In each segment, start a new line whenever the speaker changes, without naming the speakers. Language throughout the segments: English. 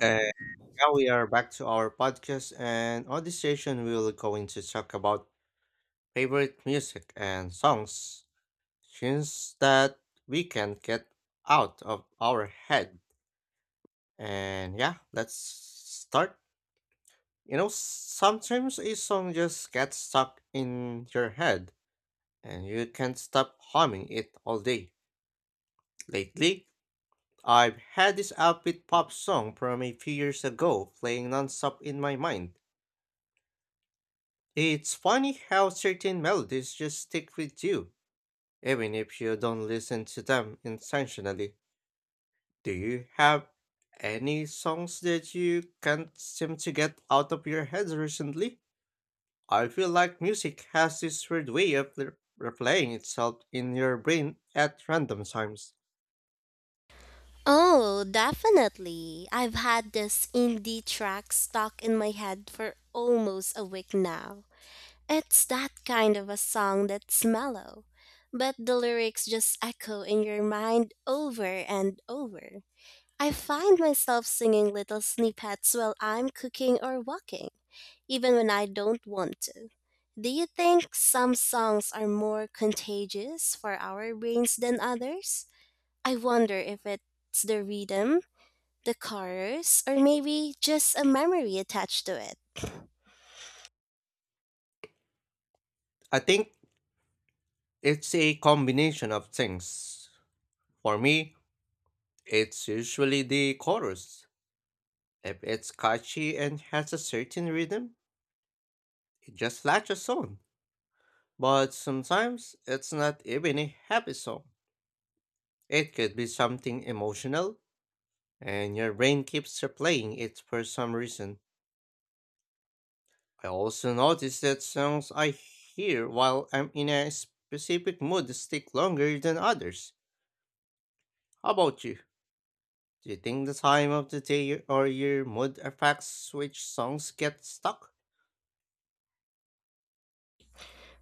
And now we are back to our podcast, and on this session, we will going to talk about favorite music and songs, tunes that we can get out of our head. And yeah, let's start. You know, sometimes a song just gets stuck in your head, and you can't stop humming it all day. Lately, I've had this upbeat pop song from a few years ago playing nonstop in my mind. It's funny how certain melodies just stick with you, even if you don't listen to them intentionally. Do you have any songs that you can't seem to get out of your head recently? I feel like music has this weird way of replaying itself in your brain at random times.
Oh, definitely. I've had this indie track stuck in my head for almost a week now. It's that kind of a song that's mellow, but the lyrics just echo in your mind over and over. I find myself singing little snippets while I'm cooking or walking, even when I don't want to. Do you think some songs are more contagious for our brains than others? I wonder if it's the rhythm the colors, or maybe just a memory attached to it.
I think it's a combination of things. For me, it's usually the chorus. If it's catchy and has a certain rhythm, just like a song. But sometimes it's not even a happy song. It could be something emotional, and your brain keeps replaying it for some reason. I also notice that songs I hear while I'm in a specific mood stick longer than others. How about you? Do you think the time of the day or your mood affects which songs get stuck?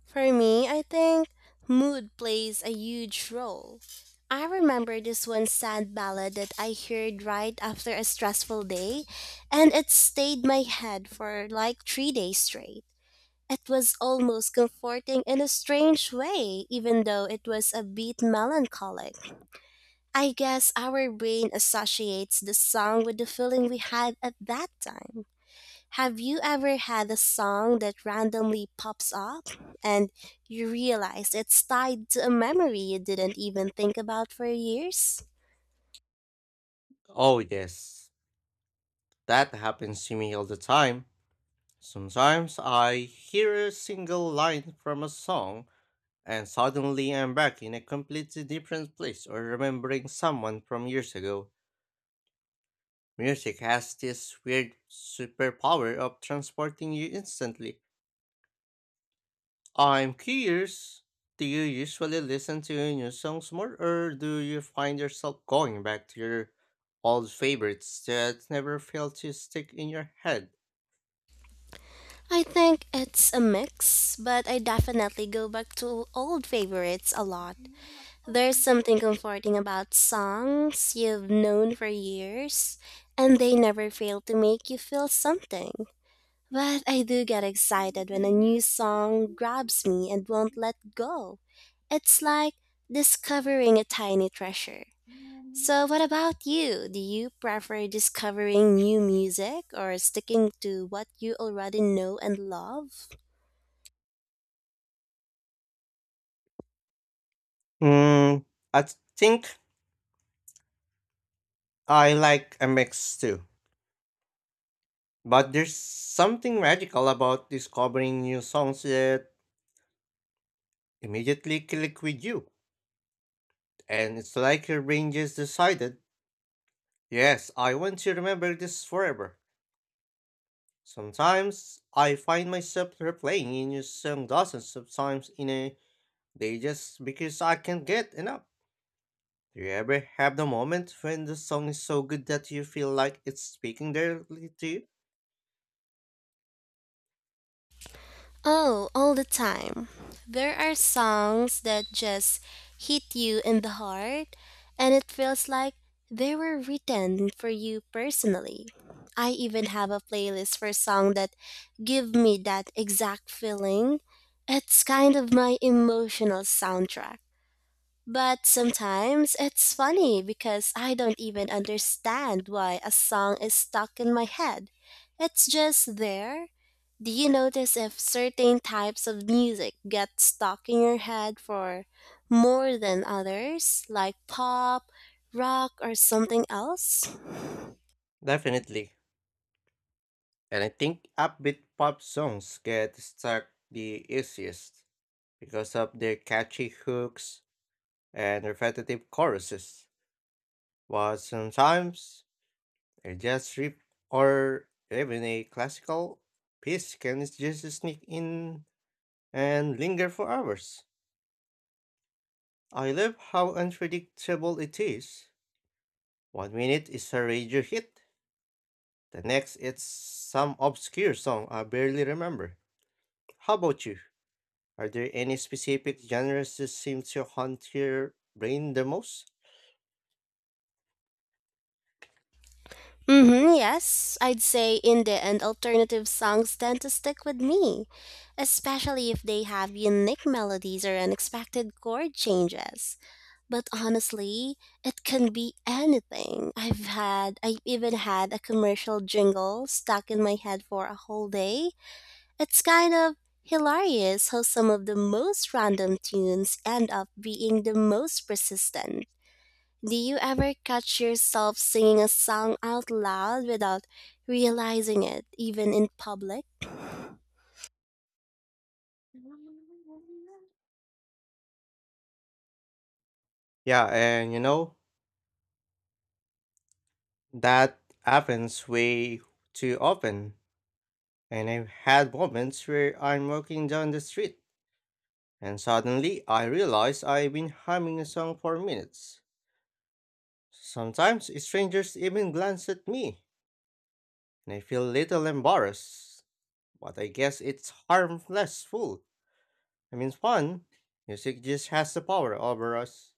For me, I think mood plays a huge role. I remember this one sad ballad that I heard right after a stressful day, and it stayed my head for like 3 days straight. It was almost comforting in a strange way, even though it was a bit melancholic. I guess our brain associates the song with the feeling we had at that time. Have you ever had a song that randomly pops up and you realize it's tied to a memory you didn't even think about for years?
Oh, yes, that happens to me all the time. Sometimes I hear a single line from a song and suddenly I'm back in a completely different place or remembering someone from years ago. Music has this weird superpower of transporting you instantly. I'm curious, do you usually listen to new songs more or do you find yourself going back to your old favorites that never fail to stick in your head?
I think it's a mix, but I definitely go back to old favorites a lot. There's something comforting about songs you've known for years, and they never fail to make you feel something. But I do get excited when a new song grabs me and won't let go. It's like discovering a tiny treasure. So, what about you? Do you prefer discovering new music or sticking to what you already know and love?
Hmm, I think I like a mix too. But there's something radical about discovering new songs that immediately click with you. And it's like your brain just decided, yes, I want to remember this forever. Sometimes I find myself replaying a new song dozens of times in a day just because I can't get enough. Do you ever have the moment when the song is so good that you feel like it's speaking directly to you?
Oh, all the time. There are songs that just hit you in the heart, and it feels like they were written for you personally. I even have a playlist for songs that give me that exact feeling. It's kind of my emotional soundtrack. But sometimes it's funny because I don't even understand why a song is stuck in my head. It's just there. Do you notice if certain types of music get stuck in your head for more than others, like pop, rock, or something else?
Definitely. And I think upbeat pop songs get stuck the easiest, because of their catchy hooks and repetitive choruses, while sometimes a jazz strip or even a classical piece can just sneak in and linger for hours. I love how unpredictable it is. One minute it's a radio hit, the next it's some obscure song I barely remember. How about you? Are there any specific genres that seem to haunt your brain the most?
Mm-hmm, yes. I'd say indie and alternative songs tend to stick with me, especially if they have unique melodies or unexpected chord changes. But honestly, it can be anything. I've even had a commercial jingle stuck in my head for a whole day. It's kind of hilarious how some of the most random tunes end up being the most persistent. Do you ever catch yourself singing a song out loud without realizing it, even in public?
Yeah, and you know, that happens way too often, and I've had moments where I'm walking down the street and suddenly I realize I've been humming a song for minutes. Sometimes strangers even glance at me, and I feel a little embarrassed, but I guess it's harmless fool. I mean fun. Music just has the power over us.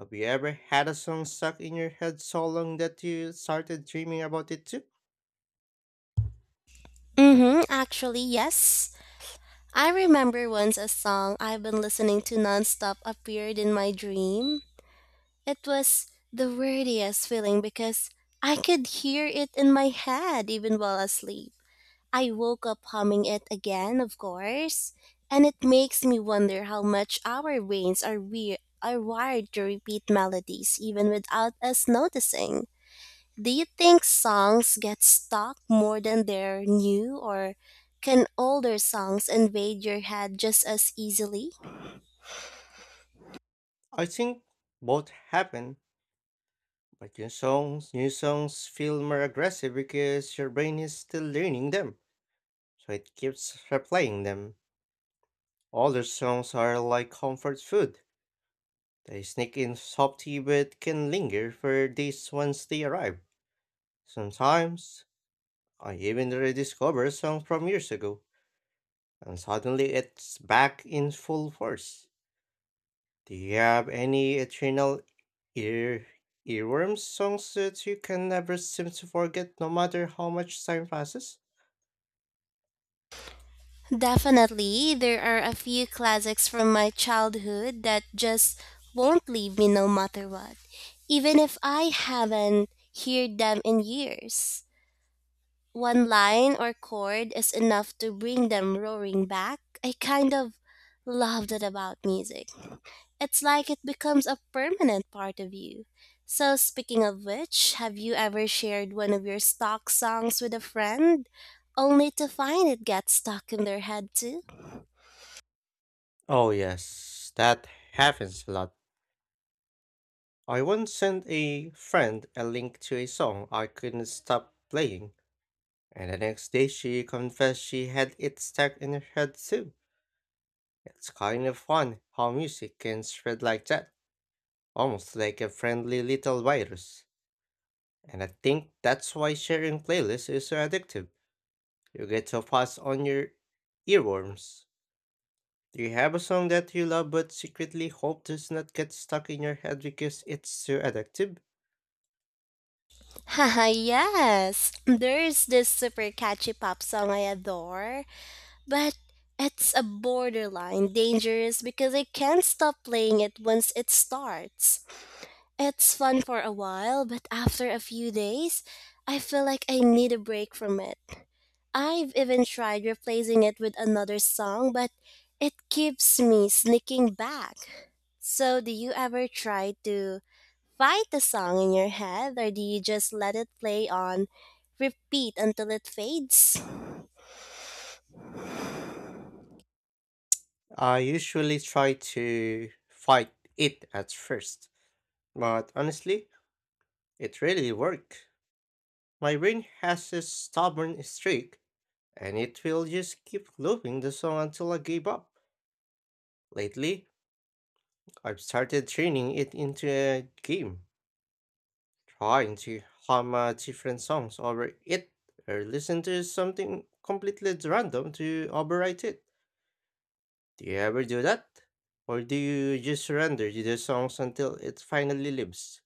Have you ever had a song stuck in your head so long that you started dreaming about it too?
Mm-hmm, actually, yes. I remember once a song I've been listening to nonstop appeared in my dream. It was the weirdest feeling because I could hear it in my head even while asleep. I woke up humming it again, of course, and it makes me wonder how much our brains are wired to repeat melodies even without us noticing. Do you think songs get stuck more than they're new or can older songs invade your head just as easily?
I think both happen. But new songs feel more aggressive because your brain is still learning them, so it keeps replaying them. Older songs are like comfort food. They sneak in softly but can linger for days once they arrive. Sometimes, I even rediscover a song from years ago, and suddenly it's back in full force. Do you have any eternal ear earworm songs that you can never seem to forget no matter how much time passes?
Definitely, there are a few classics from my childhood that just won't leave me no matter what, even if I haven't heard them in years. One line or chord is enough to bring them roaring back. I kind of love that about music. It's like it becomes a permanent part of you. So, speaking of which, have you ever shared one of your stock songs with a friend only to find it gets stuck in their head too?
Oh, yes, that happens a lot. I once sent a friend a link to a song I couldn't stop playing, and the next day she confessed she had it stuck in her head too. It's kind of fun how music can spread like that, almost like a friendly little virus. And I think that's why sharing playlists is so addictive. You get to pass on your earworms. Do you have a song that you love but secretly hope does not get stuck in your head because it's so addictive?
Haha, yes. There's this super catchy pop song I adore, but it's a borderline dangerous because I can't stop playing it once it starts. It's fun for a while, but after a few days, I feel like I need a break from it. I've even tried replacing it with another song, but it keeps me sneaking back. So, do you ever try to fight the song in your head or do you just let it play on repeat until it fades?
I usually try to fight it at first, but honestly, it really worked. My brain has a stubborn streak, and it will just keep looping the song until I give up. Lately, I've started turning it into a game, trying to hum different songs over it or listen to something completely random to overwrite it. Do you ever do that? Or do you just surrender to the songs until it finally lives?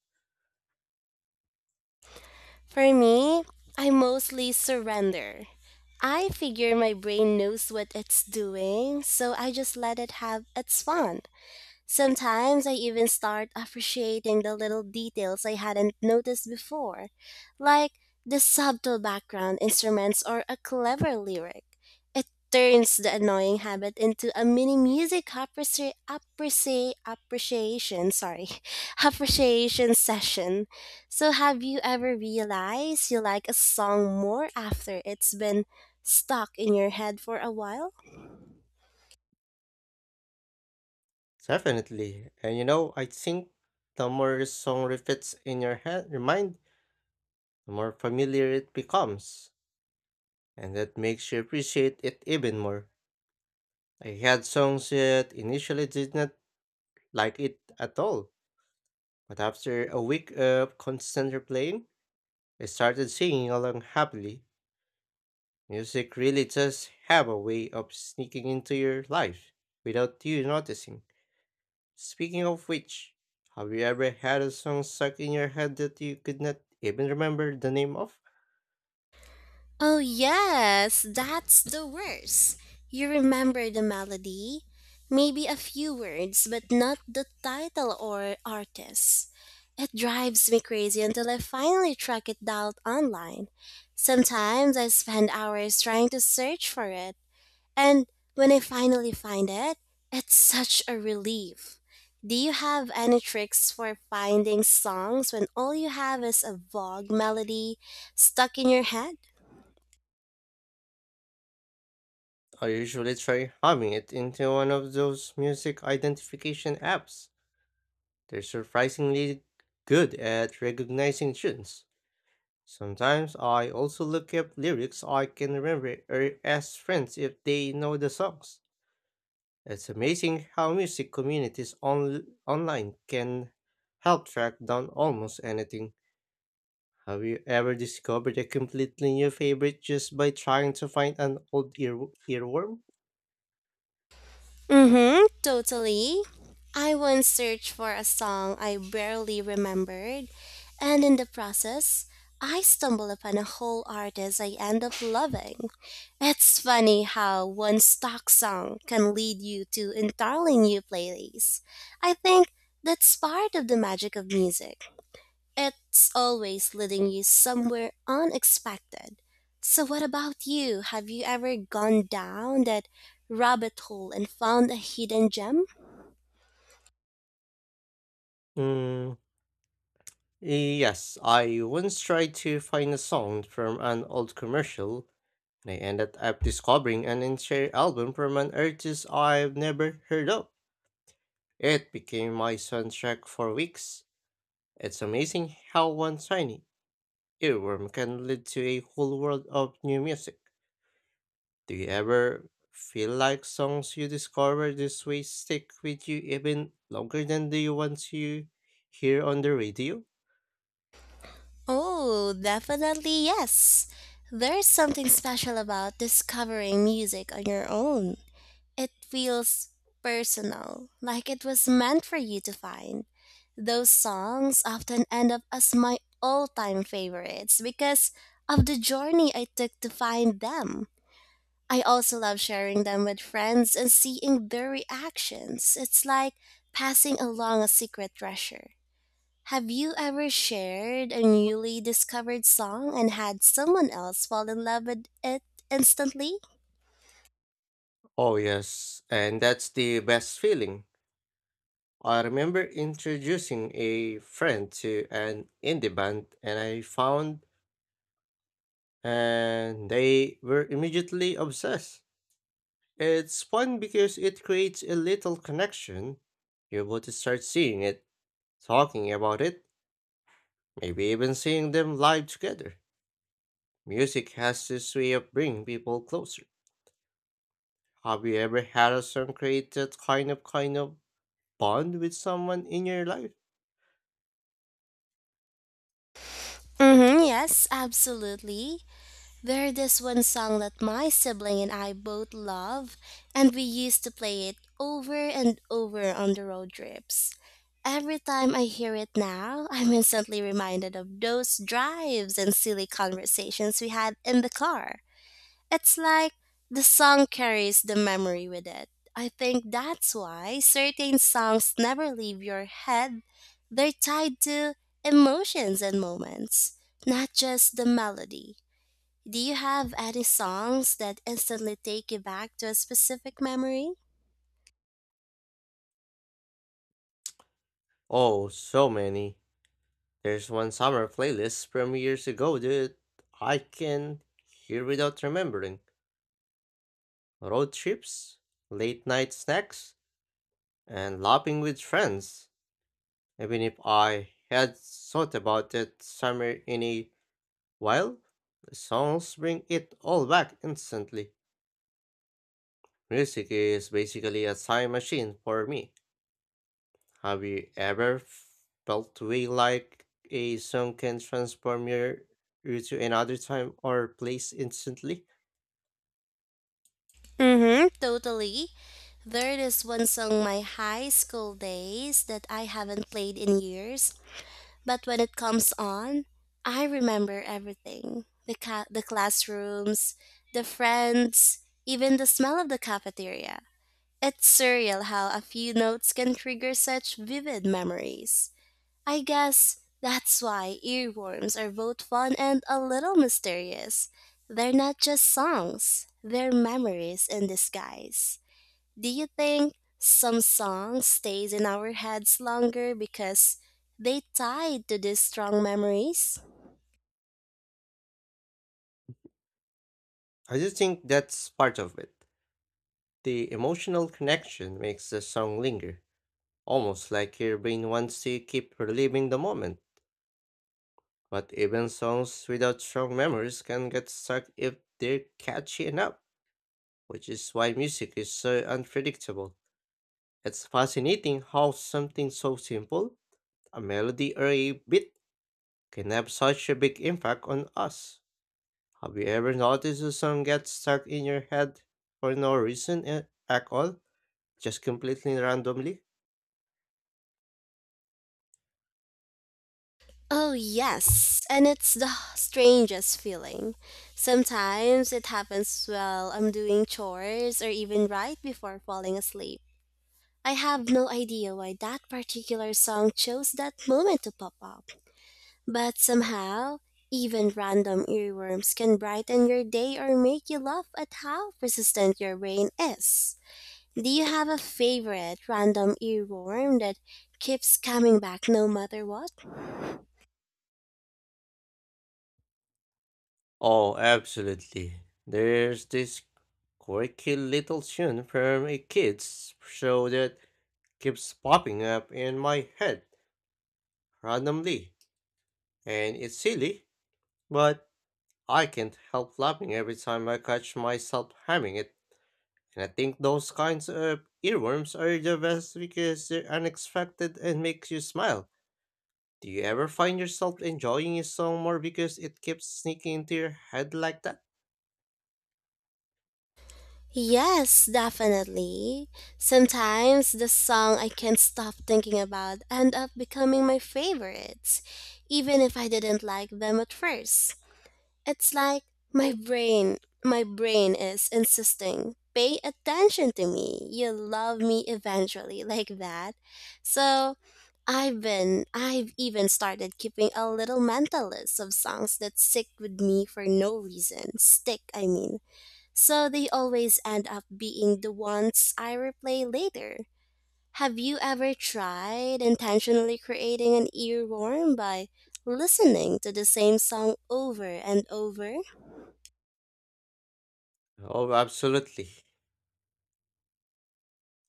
For me, I mostly surrender. I figure my brain knows what it's doing, so I just let it have its fun. Sometimes I even start appreciating the little details I hadn't noticed before, like the subtle background instruments or a clever lyric. It turns the annoying habit into a mini music appreciation, sorry, appreciation session. So have you ever realized you like a song more after it's been stuck in your head for a while?
Definitely. And you know, I think the more a song repeats in your head, your mind, the more familiar it becomes. And that makes you appreciate it even more. I had songs that initially did not like it at all. But after a week of constant replaying, I started singing along happily. Music really does have a way of sneaking into your life without you noticing. Speaking of which, have you ever had a song stuck in your head that you could not even remember the name of?
Oh, yes, that's the worst. You remember the melody, maybe a few words, but not the title or artist. It drives me crazy until I finally track it down online. Sometimes I spend hours trying to search for it, and when I finally find it, it's such a relief. Do you have any tricks for finding songs when all you have is a vague melody stuck in your head?
I usually try humming it into one of those music identification apps. They're surprisingly good at recognizing tunes. Sometimes I also look up lyrics I can remember or ask friends if they know the songs. It's amazing how music communities online can help track down almost anything. Have you ever discovered a completely new favorite just by trying to find an old earworm?
Mm-hmm, totally. I once searched for a song I barely remembered, and in the process, I stumbled upon a whole artist I end up loving. It's funny how one stock song can lead you to entirely new playlists. I think that's part of the magic of music. It's always leading you somewhere unexpected. So, what about you? Have you ever gone down that rabbit hole and found a hidden gem?
Mm, yes, I once tried to find a song from an old commercial, and I ended up discovering an entire album from an artist I've never heard of. It became my soundtrack for weeks. It's amazing how one tiny earworm can lead to a whole world of new music. Do you ever feel like songs you discover this way stick with you even longer than the ones you hear on the radio?
Oh, definitely yes. There's something special about discovering music on your own. It feels personal, like it was meant for you to find. Those songs often end up as my all time favorites because of the journey I took to find them. I also love sharing them with friends and seeing their reactions. It's like passing along a secret treasure. Have you ever shared a newly discovered song and had someone else fall in love with it instantly?
Oh, yes, and that's the best feeling. I remember introducing a friend to an indie band, and I found and they were immediately obsessed. It's fun because it creates a little connection. You're able to start seeing it, talking about it, maybe even seeing them live together. Music has this way of bringing people closer. Have you ever had a song create that kind of bond with someone in your life?
Mhm, yes, absolutely. There's this one song that my sibling and I both love, and we used to play it over and over on the road trips. Every time I hear it now, I'm instantly reminded of those drives and silly conversations we had in the car. It's like the song carries the memory with it. I think that's why certain songs never leave your head. They're tied to emotions and moments, not just the melody. Do you have any songs that instantly take you back to a specific memory?
Oh, so many. There's one summer playlist from years ago that I can hear without remembering. Road trips, late night snacks, and laughing with friends. Even if I had thought about that summer in a while, the songs bring it all back instantly. Music is basically a time machine for me. Have you ever felt way like a song can transform your you to another time or place instantly?
Mm-hmm. Totally. There is one song my high school days that I haven't played in years, but when it comes on, I remember everything. The classrooms, the friends, even the smell of the cafeteria. It's surreal how a few notes can trigger such vivid memories. I guess that's why earworms are both fun and a little mysterious. They're not just songs, they're memories in disguise. Do you think some song stays in our heads longer because they tied to these strong memories?
I do think that's part of it. The emotional connection makes the song linger, almost like your brain wants to keep reliving the moment. But even songs without strong memories can get stuck if they're catchy enough, which is why music is so unpredictable. It's fascinating how something so simple, a melody or a beat, can have such a big impact on us. Have you ever noticed a song gets stuck in your head for no reason at all? Just completely randomly?
Oh, yes, and it's the strangest feeling. Sometimes it happens while I'm doing chores or even right before falling asleep. I have no idea why that particular song chose that moment to pop up, but somehow, even random earworms can brighten your day or make you laugh at how persistent your brain is. Do you have a favorite random earworm that keeps coming back no matter what?
Oh, absolutely. There's this quirky little tune from a kid's show that keeps popping up in my head randomly. And it's silly, but I can't help laughing every time I catch myself having it, and I think those kinds of earworms are the best because they're unexpected and makes you smile. Do you ever find yourself enjoying a song more because it keeps sneaking into your head like that?
Yes, definitely. Sometimes the song I can't stop thinking about end up becoming my favorites, even if I didn't like them at first. It's like my brain, my brain is insisting, pay attention to me. You love me eventually, like that. So I've even started keeping a little mental list of songs that stick with me for no reason. Stick, I mean. So they always end up being the ones I replay later. Have you ever tried intentionally creating an earworm by listening to the same song over and over?
Oh, absolutely.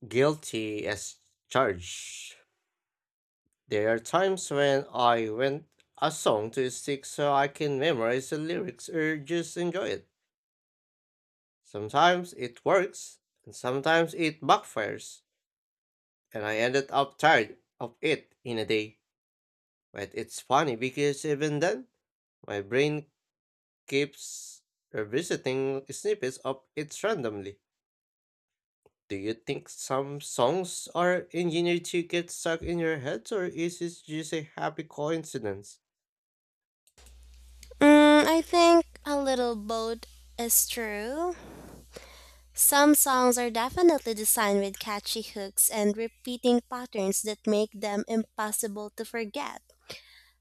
Guilty as charged. There are times when I want a song to stick so I can memorize the lyrics or just enjoy it. Sometimes it works, and sometimes it backfires, and I ended up tired of it in a day. But it's funny because even then, my brain keeps revisiting snippets of it randomly. Do you think some songs are engineered to get stuck in your head, or is it just a happy coincidence?
Mm, I think a little both is true. Some songs are definitely designed with catchy hooks and repeating patterns that make them impossible to forget.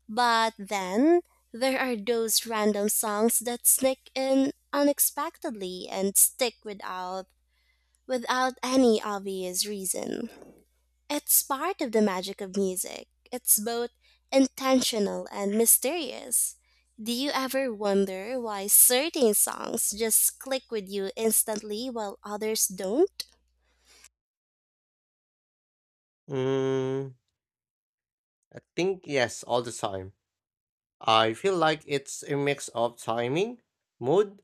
But then, there are those random songs that sneak in unexpectedly and stick without any obvious reason. It's part of the magic of music. It's both intentional and mysterious. Do you ever wonder why certain songs just click with you instantly while others don't?
Mm, I think yes, all the time. I feel like it's a mix of timing, mood,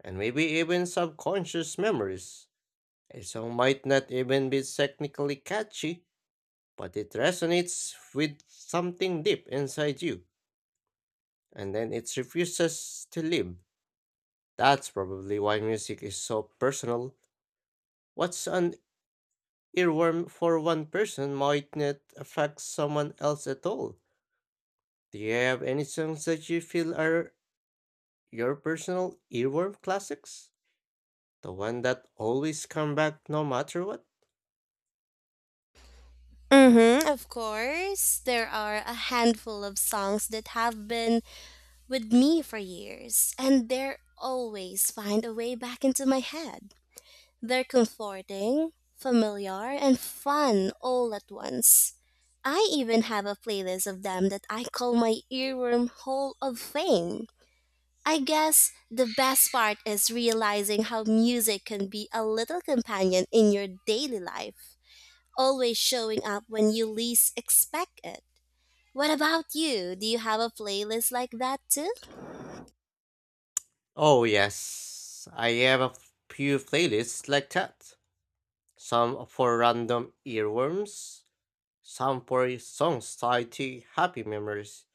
and maybe even subconscious memories. A song might not even be technically catchy, but it resonates with something deep inside you, and then it refuses to leave. That's probably why music is so personal. What's an earworm for one person might not affect someone else at all. Do you have any songs that you feel are your personal earworm classics? The one that always come back no matter what?
Mm-hmm, of course. There are a handful of songs that have been with me for years, and they always find a way back into my head. They're comforting, familiar, and fun all at once. I even have a playlist of them that I call my earworm Hall of Fame. I guess the best part is realizing how music can be a little companion in your daily life, always showing up when you least expect it. What about you? Do you have a playlist like that too?
Oh yes, I have a few playlists like that. Some for random earworms, some for songs tied to happy memories.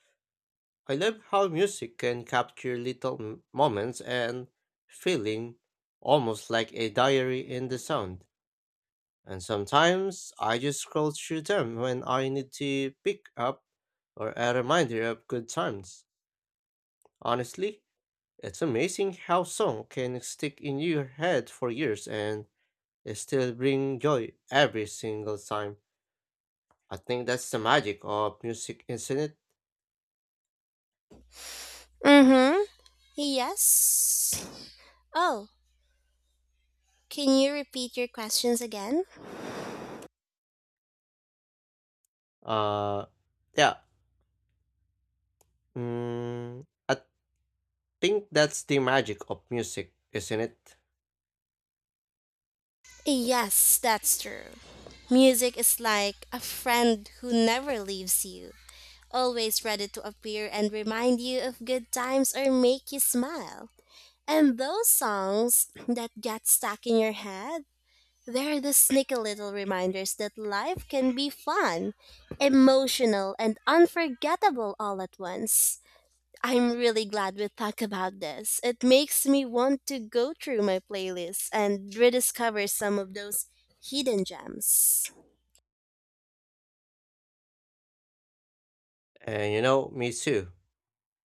I love how music can capture little moments and feeling, almost like a diary in the sound. And sometimes I just scroll through them when I need to pick up or a reminder of good times. Honestly, it's amazing how song can stick in your head for years and still bring joy every single time. I think that's the magic of music, isn't it?
Mm-hmm. Yes. Oh, can you repeat your questions again?
Uh, yeah. At think that's the magic of music, isn't it?
Yes, that's true. Music is like a friend who never leaves you, always ready to appear and remind you of good times or make you smile. And those songs that get stuck in your head, they're the sneaky little reminders that life can be fun, emotional, and unforgettable all at once. I'm really glad we talked about this. It makes me want to go through my playlist and rediscover some of those hidden gems.
And you know, me too.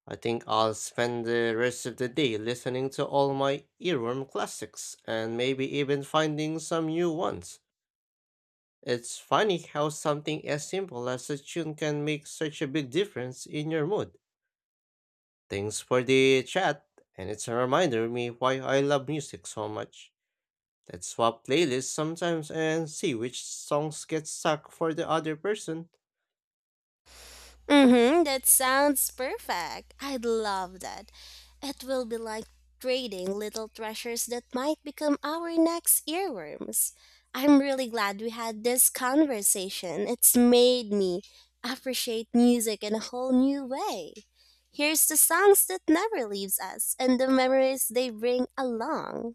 I think I'll spend the rest of the day listening to all my earworm classics and maybe even finding some new ones. It's funny how something as simple as a tune can make such a big difference in your mood. Thanks for the chat, and it's a reminder me why I love music so much. Let's swap playlists sometimes and see which songs get stuck for the other person.
Mm-hmm, that sounds perfect. I'd love that. It will be like trading little treasures that might become our next earworms. I'm really glad we had this conversation. It's made me appreciate music in a whole new way. Here's the songs that never leaves us and the memories they bring along.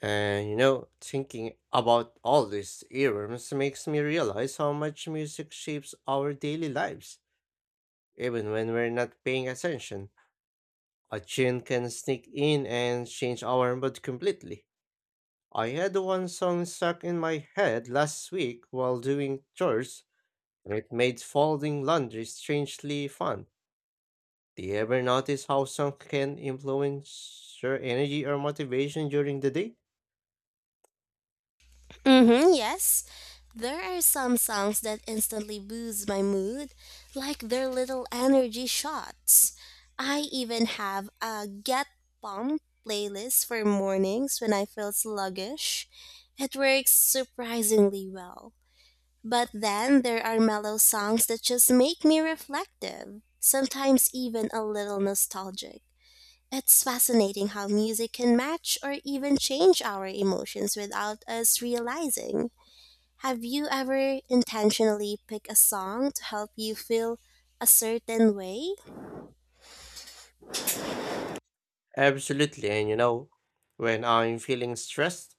And you know, thinking about all these earworms makes me realize how much music shapes our daily lives. Even when we're not paying attention, a tune can sneak in and change our mood completely. I had one song stuck in my head last week while doing chores, and it made folding laundry strangely fun. Do you ever notice how songs can influence your energy or motivation during the day?
Mm-hmm, yes. There are some songs that instantly boost my mood, like their little energy shots. I even have a Get Pump playlist for mornings when I feel sluggish. It works surprisingly well. But then there are mellow songs that just make me reflective, sometimes even a little nostalgic. It's fascinating how music can match or even change our emotions without us realizing. Have you ever intentionally picked a song to help you feel a certain way?
Absolutely, and you know, when I'm feeling stressed,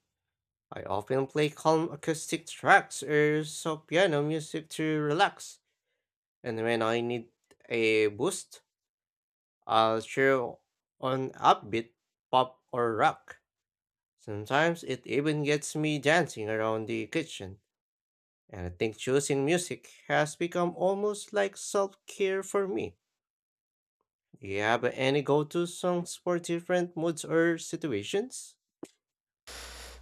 I often play calm acoustic tracks or soft piano music to relax. And when I need a boost, I'll throw on upbeat pop or rock. Sometimes it even gets me dancing around the kitchen. And I think choosing music has become almost like self care for me. Do you have any go to songs for different moods or situations?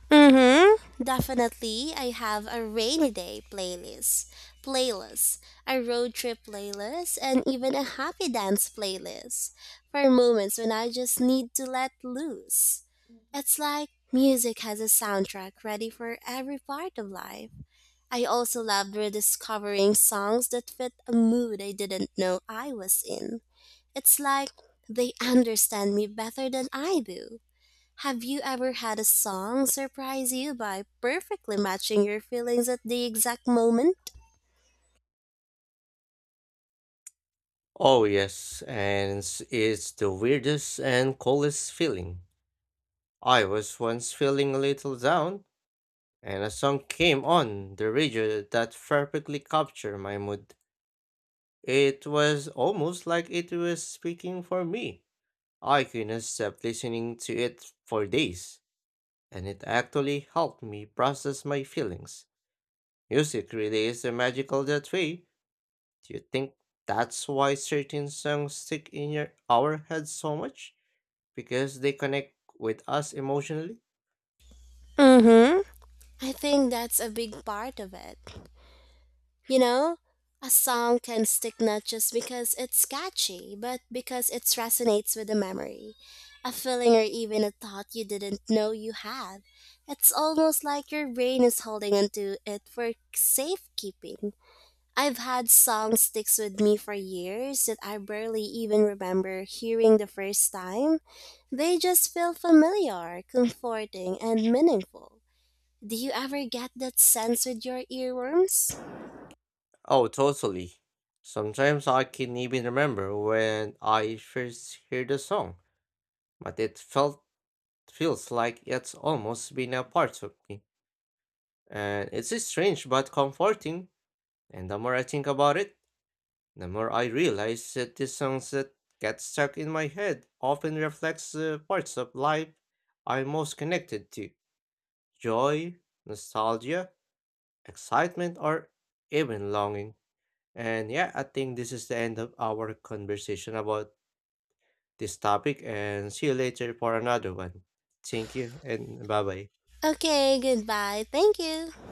Mm-hmm. Definitely, I have a rainy day playlist, a road trip playlist, and even a happy dance playlist for moments when I just need to let loose. It's like music has a soundtrack ready for every part of life. I also loved rediscovering songs that fit a mood I didn't know I was in. It's like they understand me better than I do. Have you ever had a song surprise you by perfectly matching your feelings at the exact moment?
Oh, yes, and it's the weirdest and coolest feeling. I was once feeling a little down, and a song came on the radio that perfectly captured my mood. It was almost like it was speaking for me. I couldn't stop listening to it for days, and it actually helped me process my feelings. Music really is magical that way. Do you think that's why certain songs stick in your our heads so much? Because they connect with us emotionally?
Mm hmm. I think that's a big part of it. You know, a song can stick not just because it's catchy, but because it resonates with a memory, a feeling, or even a thought you didn't know you had. It's almost like your brain is holding onto it for safekeeping. I've had songs sticks with me for years that I barely even remember hearing the first time. They just feel familiar, comforting, and meaningful. Do you ever get that sense with your earworms?
Oh, totally. Sometimes I can even remember when I first heard the song, but it felt feels like it's almost been a part of me. And it's strange but comforting. And the more I think about it, the more I realize that the songs that get stuck in my head often reflects the parts of life I'm most connected to. Joy, nostalgia, excitement, or even longing. And yeah, I think this is the end of our conversation about this topic. And see you later for another one. Thank you and bye bye.
Okay, goodbye. Thank you.